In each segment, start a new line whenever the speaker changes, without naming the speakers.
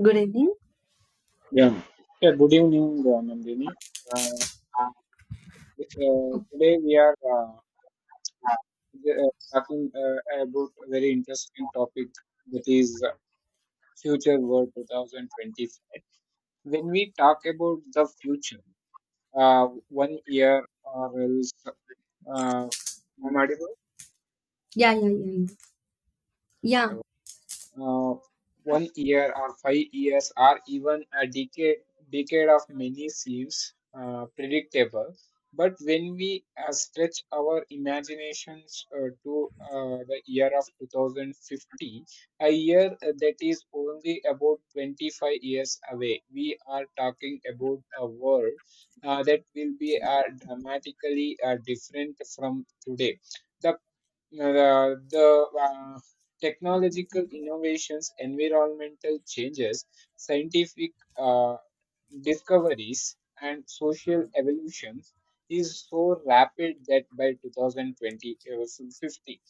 Good evening.
Yeah. Yeah. Good evening, Nandini. Uh,
Oh,
today we are talking about a very interesting topic that is Future World 2025. When we talk about the future, one year or else, uh, I'm audible?
yeah, yeah, yeah, yeah. Yeah,
uh, One year or 5 years or even a decade of many seems predictable, but when we stretch our imaginations to the year of 2050, a year that is only about 25 years away. We are talking about a world that will be dramatically different from today. The the technological innovations, environmental changes, scientific uh, discoveries, and social evolutions is so rapid that by 2020 50,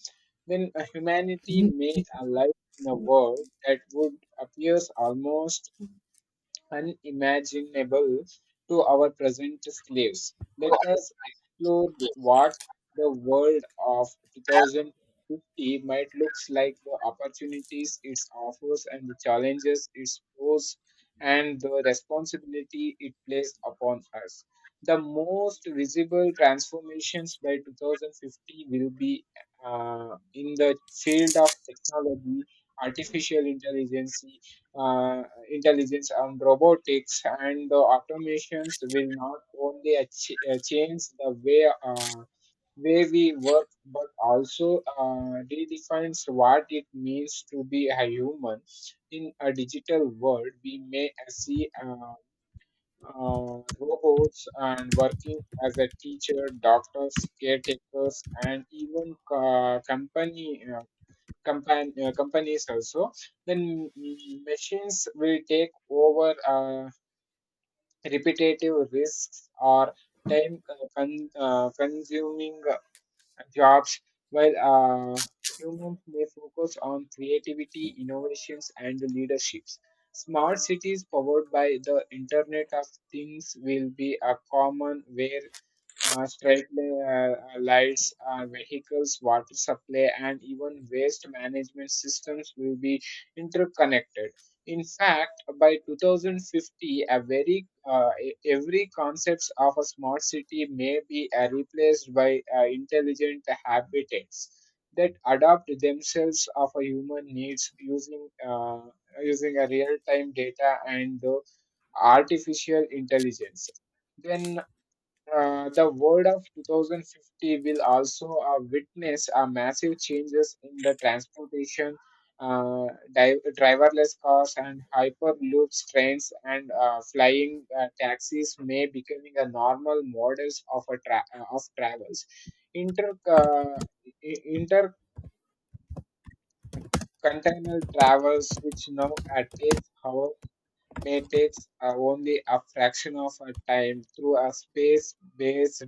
then humanity may alive in a world that would appears almost unimaginable to our present slaves. Let us explore what the world of 2050 might looks like, the opportunities it offers, and the challenges it poses, and the responsibility it plays upon us. The most visible transformations by 2050 will be in the field of technology, artificial intelligence, uh, intelligence and robotics and the automations will not only change the way we work, but also redefines what it means to be a human in a digital world. We may see robots and working as a teacher doctors caretakers and even companies also. Then machines will take over repetitive risks or time consuming jobs, while humans may focus on creativity, innovations, and leaderships. Smart cities powered by the Internet of Things will be a common where street lights, vehicles, water supply, and even waste management systems will be interconnected. In fact, by 2050, a very every concepts of a smart city may be replaced by intelligent habitats that adapt themselves of a human needs using a real time data and the artificial intelligence. Then the world of 2050 will also witness massive changes in the transportation. uh, Driverless cars and hyperloops trains and flying taxis may becoming a normal models of a of travels. Inter uh, Intercontinental travels, which now takes may take only a fraction of a time through a space-based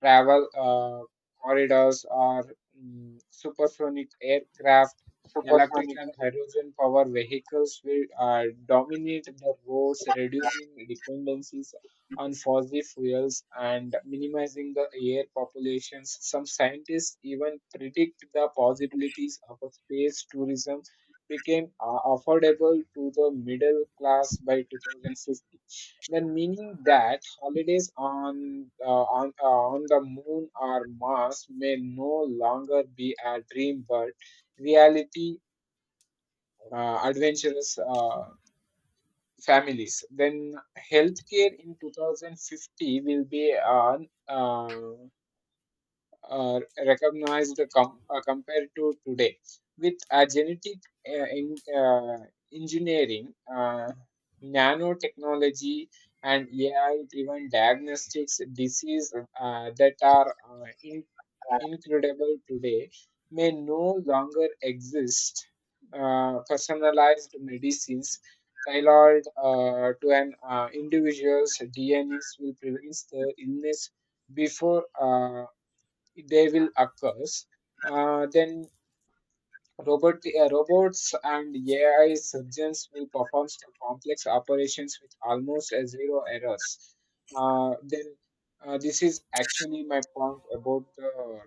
travel corridors or supersonic aircraft. Electric and hydrogen power vehicles will dominate the roads, reducing dependencies on fossil fuels and minimizing the air populations. Some scientists even predict the possibilities of a space tourism became affordable to the middle class by 2050. Then meaning that holidays on the moon or Mars may no longer be a dream but reality. Adventurous families. Then healthcare in 2050 will be on uh, recognized compared to today. With genetic uh, in, uh, engineering, nanotechnology, and AI-driven diagnostics, disease that are incredible today may no longer exist. Personalized medicines tailored to an individual's DNAs will prevent the illness before they will occur. Then robots and AI surgeons will perform some complex operations with almost zero errors. Then This is actually my point about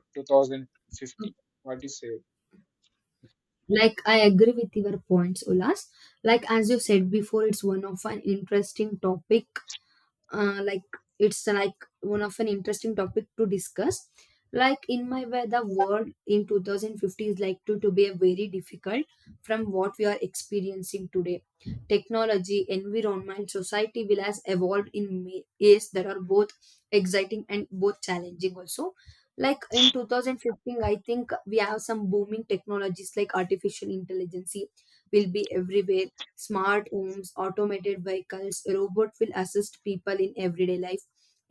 uh,
2050. What do you say?
like I agree with your points, Ulas. Like as you said before, it's one of an interesting topic. Uh, like it's like one of an interesting topic to discuss. Like in my way, the world in 2050 is like to be a very difficult from what we are experiencing today. Technology, environment, society will has evolved in ways that are both exciting and both challenging also. Like in 2015, I think we have some booming technologies like artificial intelligence will be everywhere. Smart homes, automated vehicles, robot will assist people in everyday life.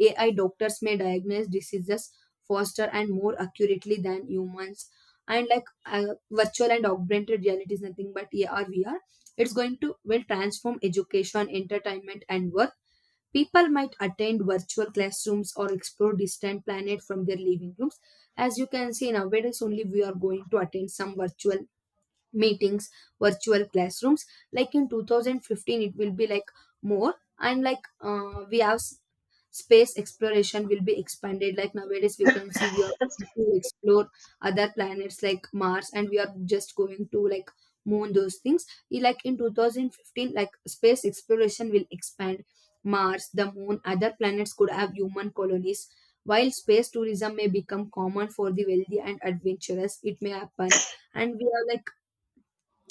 AI doctors may diagnose diseases faster and more accurately than humans. And virtual and augmented reality is nothing but AR VR. It's going to will transform education, entertainment, and work. People might attend virtual classrooms or explore distant planets from their living rooms. As you can see nowadays, only we are going to attend some virtual meetings, virtual classrooms. Like in 2015, it will be like more. And we have space exploration will be expanded. Like nowadays we can see we are going to explore other planets like Mars, and we are just going to like moon those things. Like in 2015, like space exploration will expand. Mars, the moon, other planets could have human colonies, while space tourism may become common for the wealthy and adventurous. It may happen. And we are like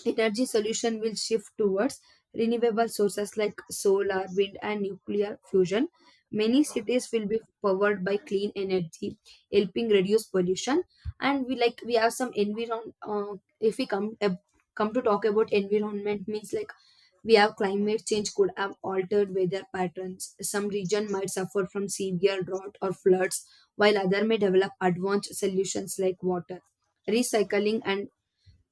energy solution will shift towards renewable sources like solar, wind, and nuclear fusion. Many cities will be powered by clean energy, helping reduce pollution. And we like we have some environment. If we come to talk about environment, means like we have climate change could have altered weather patterns. Some region might suffer from severe drought or floods, while other may develop advanced solutions like water recycling and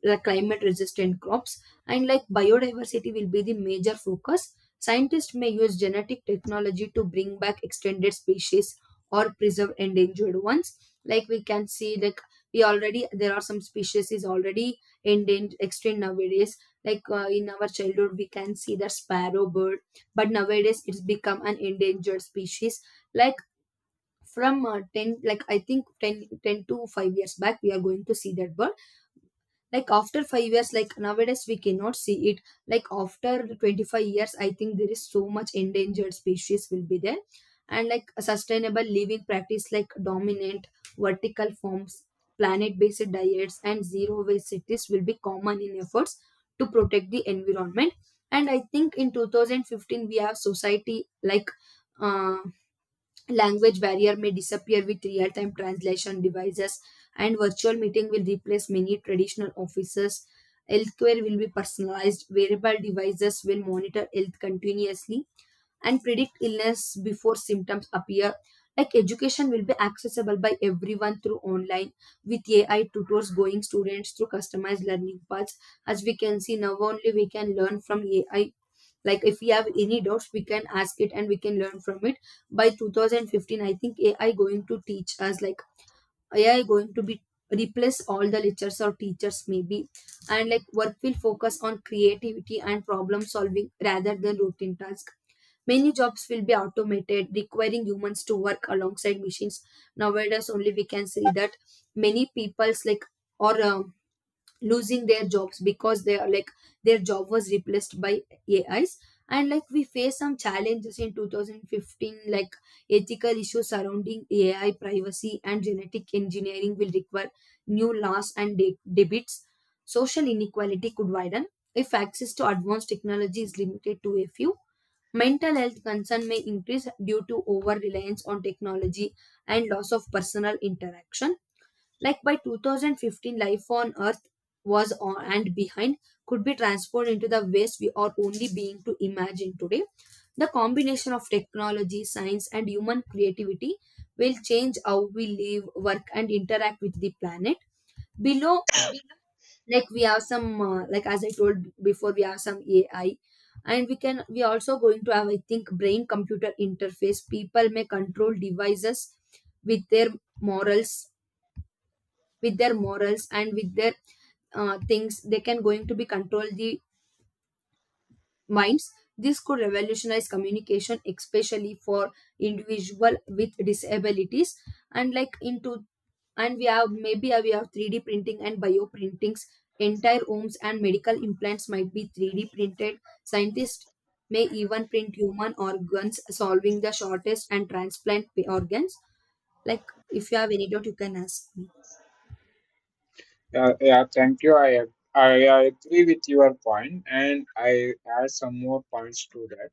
the climate resistant crops. And like biodiversity will be the major focus. Scientists may use genetic technology to bring back extended species or preserve endangered ones. Like we can see like we already there are some species is already endangered extinct nowadays. In our childhood we can see the sparrow bird, but nowadays it's become an endangered species. Like from 10, like I think ten, to 5 years back we are going to see that bird. Like after 5 years like nowadays we cannot see it. Like after 25 years, I think there is so much endangered species will be there. And like sustainable living practice like dominant vertical forms, planet based diets, and zero waste cities will be common in efforts to protect the environment. And I think in 2015 we have society like uh, language barrier may disappear with real time translation devices, and virtual meeting will replace many traditional offices. Healthcare will be personalized. Wearable devices will monitor health continuously and predict illness before symptoms appear. Like education will be accessible by everyone through online, with AI tutors going students through customized learning paths. As we can see now only we can learn from AI. Like if we have any doubts we can ask it and we can learn from it. By 2015, I think AI going to teach us. Like AI going to be replace all the lectures or teachers maybe. And like work will focus on creativity and problem solving rather than routine task. Many jobs will be automated, requiring humans to work alongside machines. Nowadays only we can see that many people's like or losing their jobs because they are like their job was replaced by AIs. And like we face some challenges in 2015, like ethical issues surrounding AI, privacy, and genetic engineering will require new laws and debates. Social inequality could widen if access to advanced technology is limited to a few. Mental health concern may increase due to over reliance on technology and loss of personal interaction. Like by 2015, life on Earth was on and behind could be transformed into the ways we are only being to imagine today. The combination of technology, science, and human creativity will change how we live, work, and interact with the planet. Below, like we have some, like as I told before, we have some AI, and we also going to have I think brain computer interface. People may control devices with their morals, with their morals, and with their things they can going to be control the minds. This could revolutionize communication, especially for individual with disabilities. And like into and we have maybe we have 3D printing and bioprintings. Entire homes and medical implants might be 3D printed. Scientists may even print human organs, solving the shortest and transplant organs. Like if you have any doubt you can ask me.
Yeah, yeah, thank you. I agree with your point, and I add some more points to that.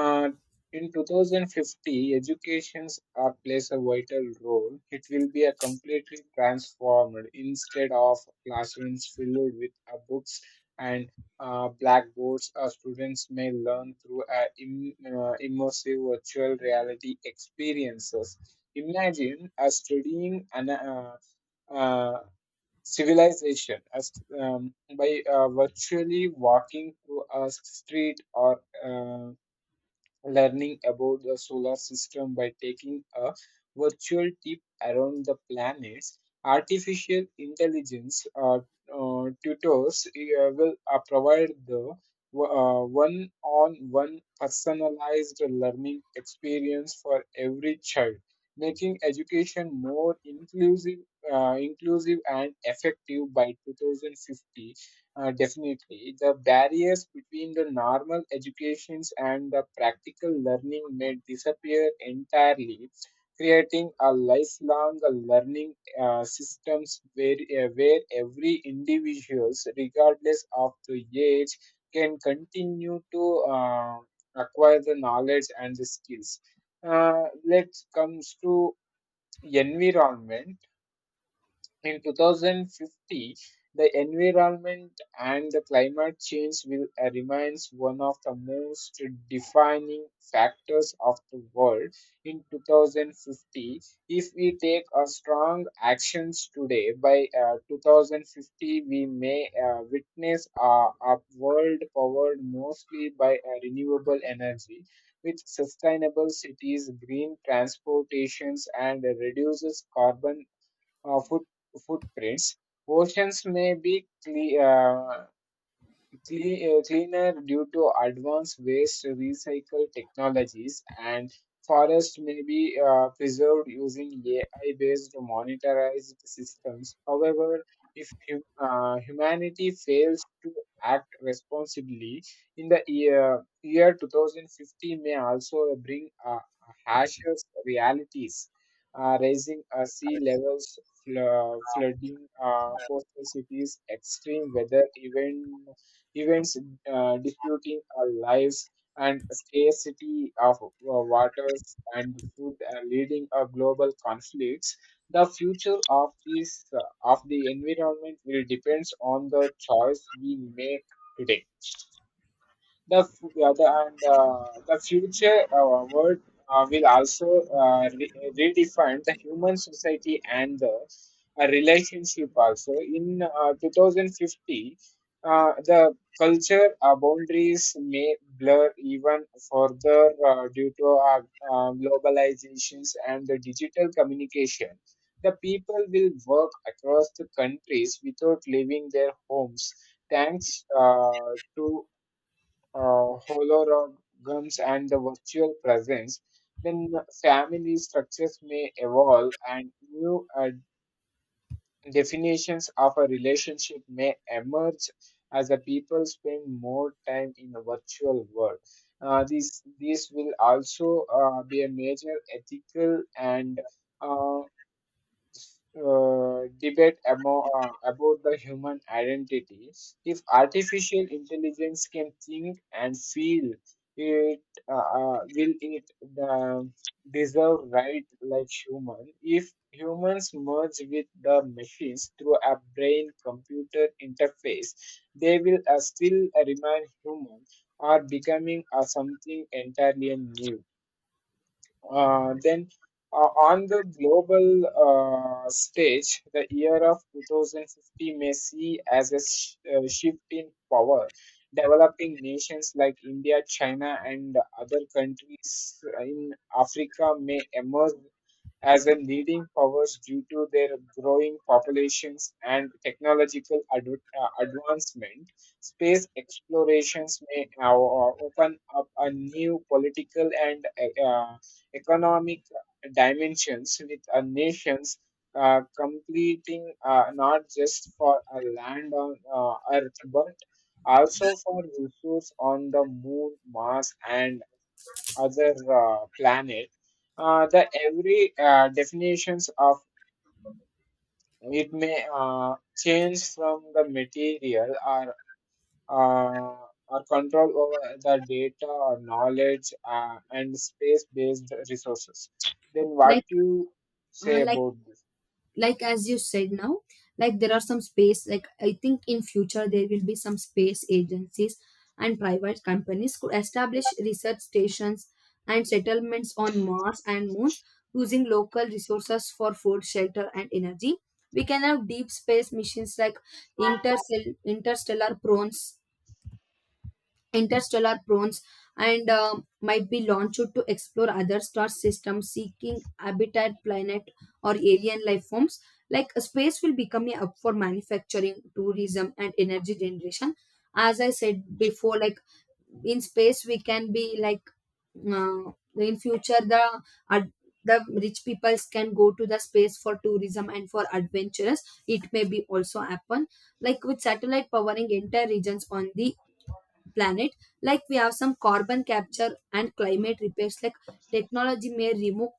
Uh, in 2050, educations are plays a vital role. It will be a completely transformed instead of classrooms filled with books and blackboards. Students may learn through immersive virtual reality experiences. Imagine studying uh, civilization as by virtually walking through a street or learning about the solar system by taking a virtual trip around the planets. Artificial intelligence tutors will provide the one-on-one personalized learning experience for every child, making education more inclusive and effective by 2050. Definitely. The barriers between the normal educations and the practical learning may disappear entirely, creating a lifelong learning systems where every individuals, regardless of the age, can continue to acquire the knowledge and the skills. Uh, let's comes to environment in 2050. The environment and the climate change will remains one of the most defining factors of the world in 2050. If we take a strong actions today, by 2050 we may witness a world powered mostly by renewable energy with sustainable cities, green transportations, and reduces carbon uh, foot, footprints. Oceans may be cleaner due to advanced waste recycle technologies, and forests may be preserved using AI-based monitorized systems. However, if humanity fails to act responsibly, in the year, year 2050 may also bring harsher realities, raising sea levels, flooding, coastal cities, extreme weather events disputing our lives and scarcity of waters and food leading a global conflicts. The future of this of the environment will depends on the choice we make today. Yeah, the future word will also redefine the human society and the relationship also. In 2050, the culture boundaries may blur even further due to globalizations and the digital communication. The people will work across the countries without leaving their homes thanks to holograms and the virtual presence. Then family structures may evolve and new definitions of a relationship may emerge as the people spend more time in the virtual world. This will also be a major ethical and uh, debate about the human identity. If artificial intelligence can think and feel, it will it the deserve right like human. If humans merge with the machines through a brain-computer interface, they will still remain human or becoming something entirely new. Then On the global stage, the year of 2050 may see as a shift in power. Developing nations like India, China, and other countries in Africa may emerge as a leading powers due to their growing populations and technological advancement. Space explorations may open up a new political and economic dimensions with a nations completing not just for a land on Earth but also for resource on the moon, Mars, and other planet. The every definitions of it may change from the material or control over the data or knowledge and space-based resources. Then what
like
you
uh,
say
like
about this?
like as you said now, like there are some space. Like I think in future there will be some space agencies and private companies could establish research stations and settlements on Mars and moons, using local resources for food, shelter, and energy. We can have deep space missions like interstellar, interstellar prawns interstellar prawns, and might be launched to explore other star systems, seeking habitat planet or alien life forms. Like space will become a hub for manufacturing, tourism, and energy generation. As I said before, like in space we can be like in future the ad- the rich peoples can go to the space for tourism and for adventures. It may be also happen. Like with satellite powering entire regions on the planet. Like we have some carbon capture and climate repairs. Like technology may remove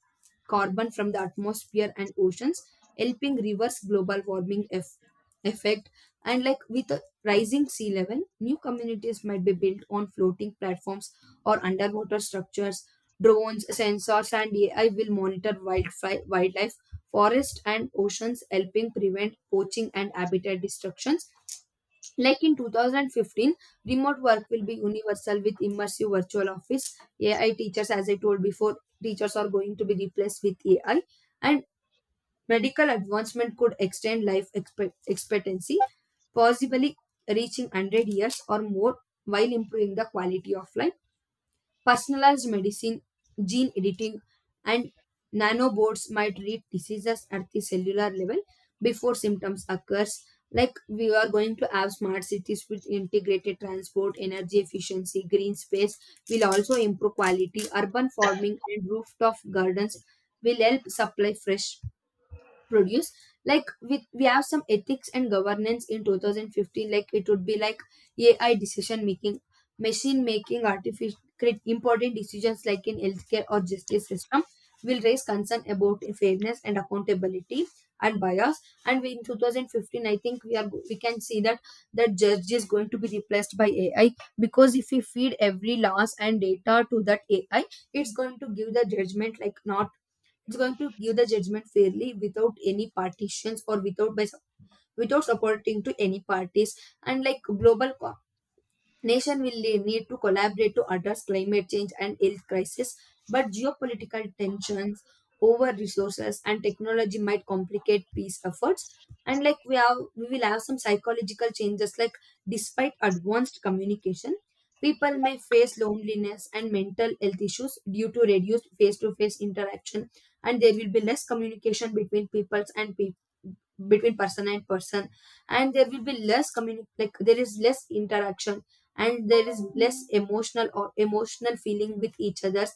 carbon from the atmosphere and oceans, helping reverse global warming effect. And like with a rising sea level, new communities might be built on floating platforms or underwater structures. Drones, sensors, and AI will monitor wildlife, forest, and oceans, helping prevent poaching and habitat destructions. Like in 2015, remote work will be universal with immersive virtual office. AI teachers, as I told before, teachers are going to be replaced with AI, and medical advancement could extend life expectancy, possibly reaching 100 years or more while improving the quality of life. Personalized medicine, gene editing, and nanobots might treat diseases at the cellular level before symptoms occurs. Like we are going to have smart cities with integrated transport, energy efficiency, green space will also improve quality. Urban farming and rooftop gardens will help supply fresh produce. Like we have some ethics and governance in 2015. Like it would be like AI decision making, machine making artificial create important decisions like in healthcare or justice system will raise concern about fairness and accountability and bias. And in 2015, I think we are we can see that that judge is going to be replaced by AI, because if we feed every laws and data to that AI, it's going to give the judgment like not, it's going to give the judgment fairly without any partitions or without by, without supporting to any parties. And like global nation will need to collaborate to address climate change and health crisis, but geopolitical tensions over resources and technology might complicate peace efforts. And like we will have some psychological changes. Like despite advanced communication, people may face loneliness and mental health issues due to reduced face-to-face interaction. And there will be less communication between peoples and people, between person and person. And there will be less like there is less interaction and there is less emotional or emotional feeling with each other's.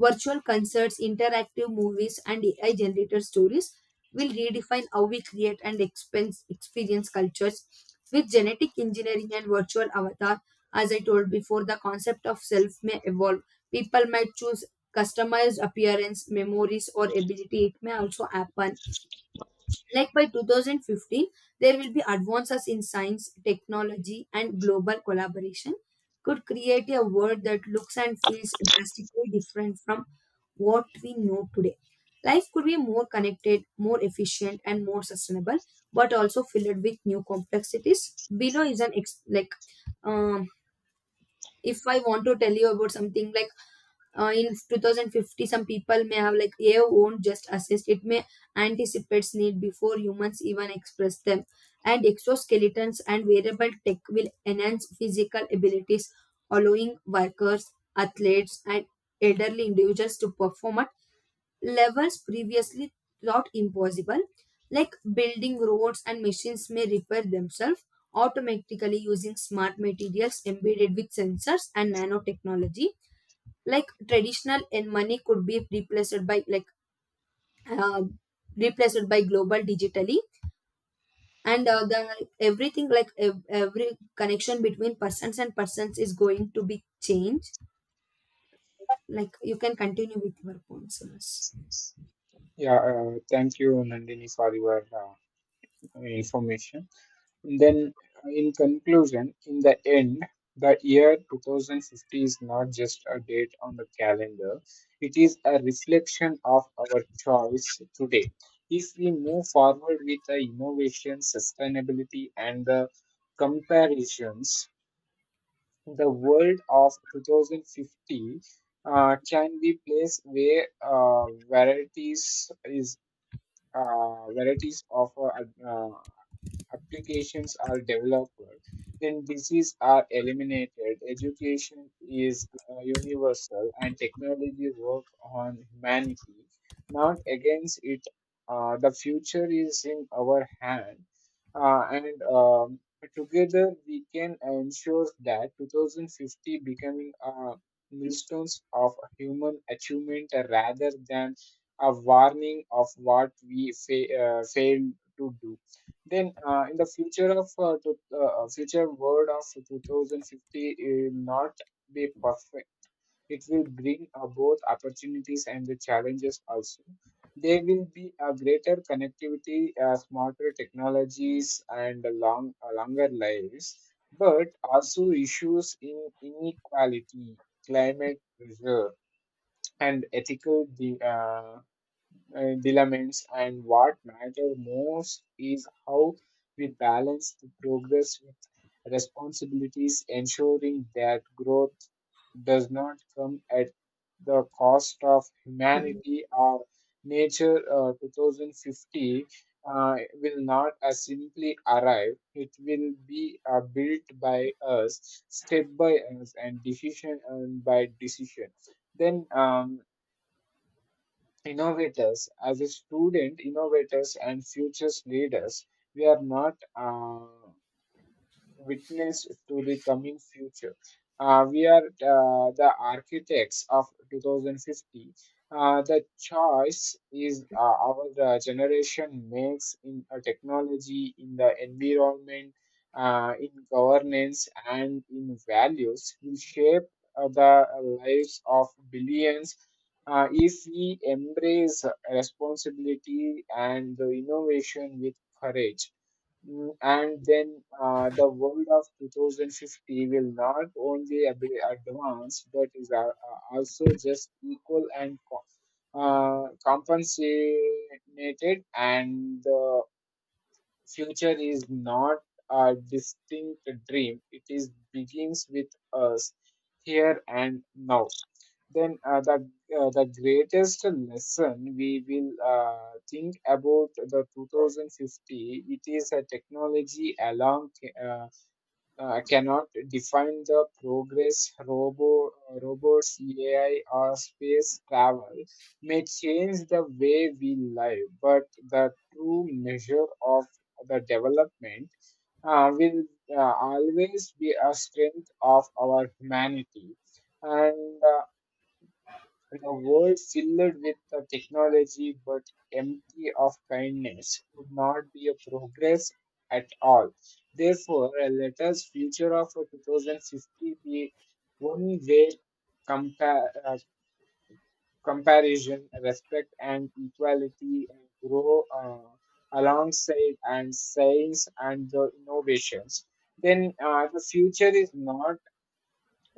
Virtual concerts, interactive movies, and AI generated stories will redefine how we create and experience cultures. With genetic engineering and virtual avatar, as I told before, the concept of self may evolve. People might choose customized appearance, memories, or ability. It may also happen. Like by 2015, there will be advances in science, technology, and global collaboration could create a world that looks and feels drastically different from what we know today. Life could be more connected, more efficient, and more sustainable, but also filled with new complexities. Below is an um, if I want to tell you about something like in 2050, some people may have like AI won't just assist, it may anticipates need before humans even express them. And exoskeletons and wearable tech will enhance physical abilities, allowing workers, athletes, and elderly individuals to perform at levels previously thought impossible. Like building roads and machines may repair themselves automatically using smart materials embedded with sensors and nanotechnology. Like traditional and money could be replaced by uh, replaced by global digitally. And the everything like every connection between persons and persons is going to be changed. Like you can continue with your points, Sunas.
Yeah, thank you, Nandini, for your information. Then, in conclusion, in the end, the year 2050 is not just a date on the calendar. It is a reflection of our choice today. If we move forward with the innovation, sustainability, and the comparisons, the world of 2050 can be place where varieties of applications are developed, then diseases are eliminated, education is universal, and technology works on humanity, not against it. The future is in our hand, and together we can ensure that 2050 becoming a milestone of human achievement rather than a warning of what we failed to do. In the future world of 2050, it will not be perfect. It will bring both opportunities and the challenges also. There will be a greater connectivity, smarter technologies, and a longer lives, but also issues in inequality, climate pressure, and ethical dilemmas, and what matters most is how we balance the progress with responsibilities, ensuring that growth does not come at the cost of
Hmm.
humanity or nature. 2050 will not simply arrive, it will be built by us, step by us, and decision and by decision. Then innovators, as a student, innovators and futures leaders, we are not. Witness to the coming future. We are the architects of 2050. The choice is our generation makes in technology, in the environment, in governance, and in values will shape the lives of billions. If we embrace responsibility and the innovation with courage. And then the world of 2050 will not only be advanced but is also just equal and compensated and the future is not a distinct dream. It is begins with us here and now. Then the greatest lesson we will think about the 2050. It is a technology along cannot define the progress. Robots, AI, or space travel may change the way we live, but the true measure of the development will always be a strength of our humanity. And in a world filled with the technology but empty of kindness would not be a progress at all. Therefore, let us future of 2050 be one way compa- uh, comparison, respect, and equality and grow alongside and science and the innovations. Then the future is not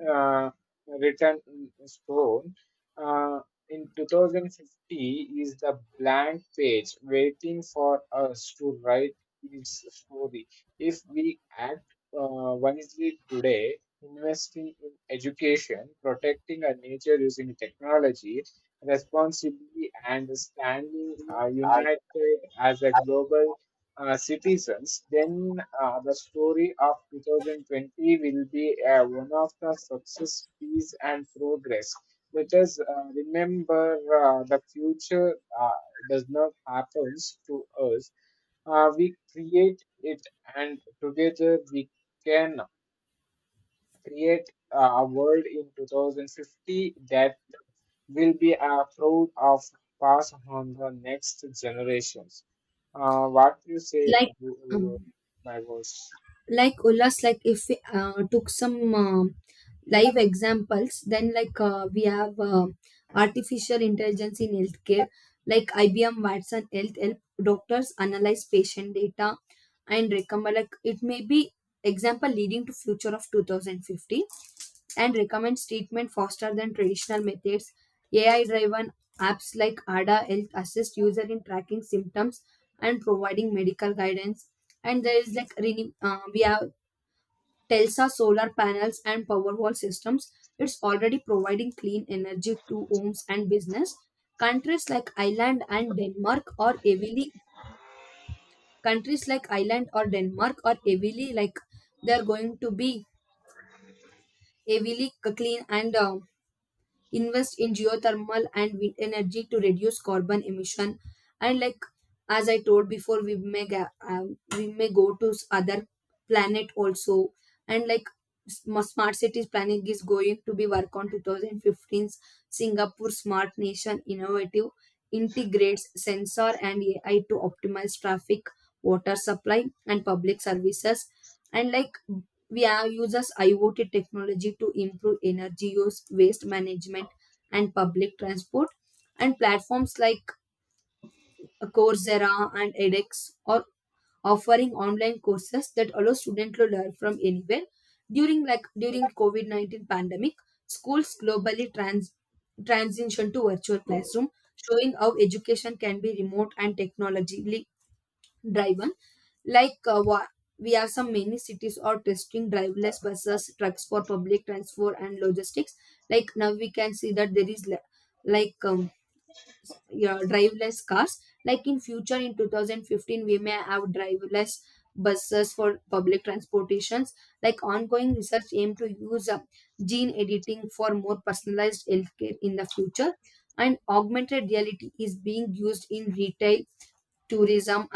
uh, written in stone. Uh, in 2050 is the blank page waiting for us to write its story. If we act wisely today, investing in education, protecting our nature using technology responsibly, and standing united as a global citizens, then the story of 2020 will be one of the success, peace, and progress. Let us remember the future does not happen to us. We create it, and together we can create a world in 2050 that will be a proud of pass on the next generations. What you say,
like um,
my boss?
like Ullas, like if we took some live examples, then like we have artificial intelligence in healthcare, like IBM Watson Health help doctors analyze patient data and recommend. Like it may be example leading to future of 2050 and recommends treatment faster than traditional methods. AI driven apps like ADA Health assist user in tracking symptoms and providing medical guidance. And there is like we have Telsa solar panels and Powerwall systems, it's already providing clean energy to homes and business. Countries like Ireland and Denmark are heavily countries like Ireland or Denmark are heavily, like they are going to be heavily clean and invest in geothermal and wind energy to reduce carbon emission. And like as I told before, we may go to other planet also. And like smart cities planning is going to be work on 2015's. Singapore smart nation innovative integrates sensor and AI to optimize traffic, water supply and public services. And like we are uses IoT technology to improve energy use, waste management, and public transport. And platforms like Coursera and edX are offering online courses that allow students to learn from anywhere. During like during COVID-19 pandemic, schools globally transition to virtual classroom, showing how education can be remote and technology driven. Like we have some many cities are testing driverless buses trucks for public transport and logistics. Like now we can see that there is like yeah, driverless cars. Like in future in 2015 we may have driverless buses for public transportations. Like ongoing research aim to use gene editing for more personalized healthcare in the future. And augmented reality is being used in retail, tourism,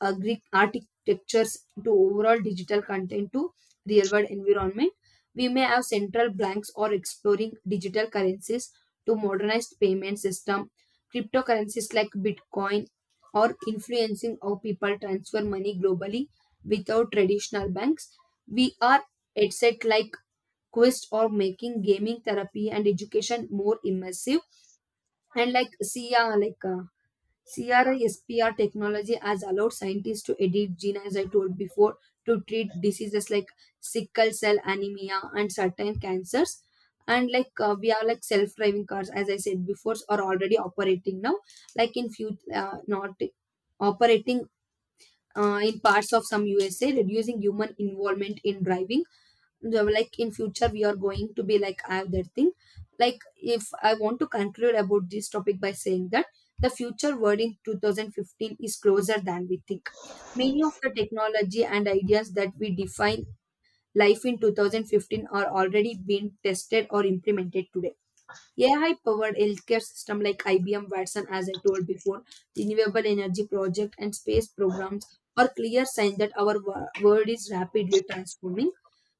architectures to overall digital content to real world environment. We may have central banks or exploring digital currencies to modernized payment system, cryptocurrencies like Bitcoin or influencing how people transfer money globally without traditional banks. We are headset like Quest or making gaming therapy and education more immersive. And like Sia like CRISPR technology has allowed scientists to edit gene, as I told before, to treat diseases like sickle cell anemia and certain cancers. And like we are like self-driving cars, as I said before, are already operating now. Like in few, not operating in parts of some USA, reducing human involvement in driving. So, like in future, we are going to be like I have that thing. Like if I want to conclude about this topic by saying that the future world in 2015 is closer than we think. Many of the technology and ideas that we define life in 2015 are already being tested or implemented today. AI powered healthcare system like IBM Watson, as I told before, renewable energy project and space programs are clear signs that our world is rapidly transforming.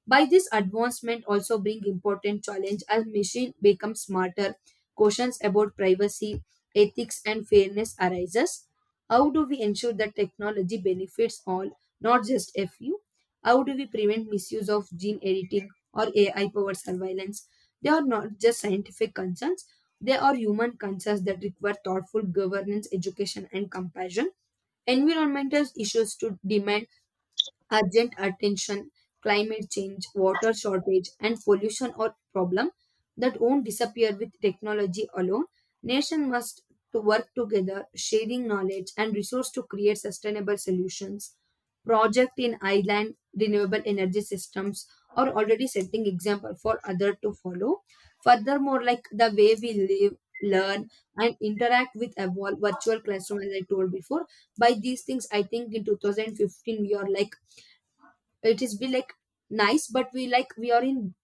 By this advancement also bring important challenge as machine becomes smarter, questions about privacy, ethics and fairness arises. How do we ensure that technology benefits all, not just a few? How do we prevent misuse of gene editing or AI powered surveillance? They are not just scientific concerns, they are human concerns that require thoughtful governance, education, and compassion. Environmental issues to demand urgent attention, climate change, water shortage, and pollution or problem that won't disappear with technology alone. Nation must to work together, sharing knowledge and resource to create sustainable solutions. Project in island renewable energy systems are already setting example for other to follow. Furthermore, like the way we live, learn, and interact with a virtual classroom, as I told before, by these things I think in 2015 we are like it is be like nice but we like we are in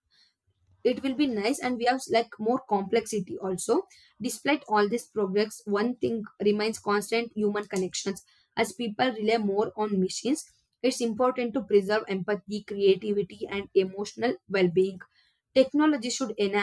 it will be nice and we have like more complexity also. Despite all this progress, one thing remains constant: human connections. As people rely more on machines, it's important to preserve empathy, creativity and emotional well-being. Technology should enhance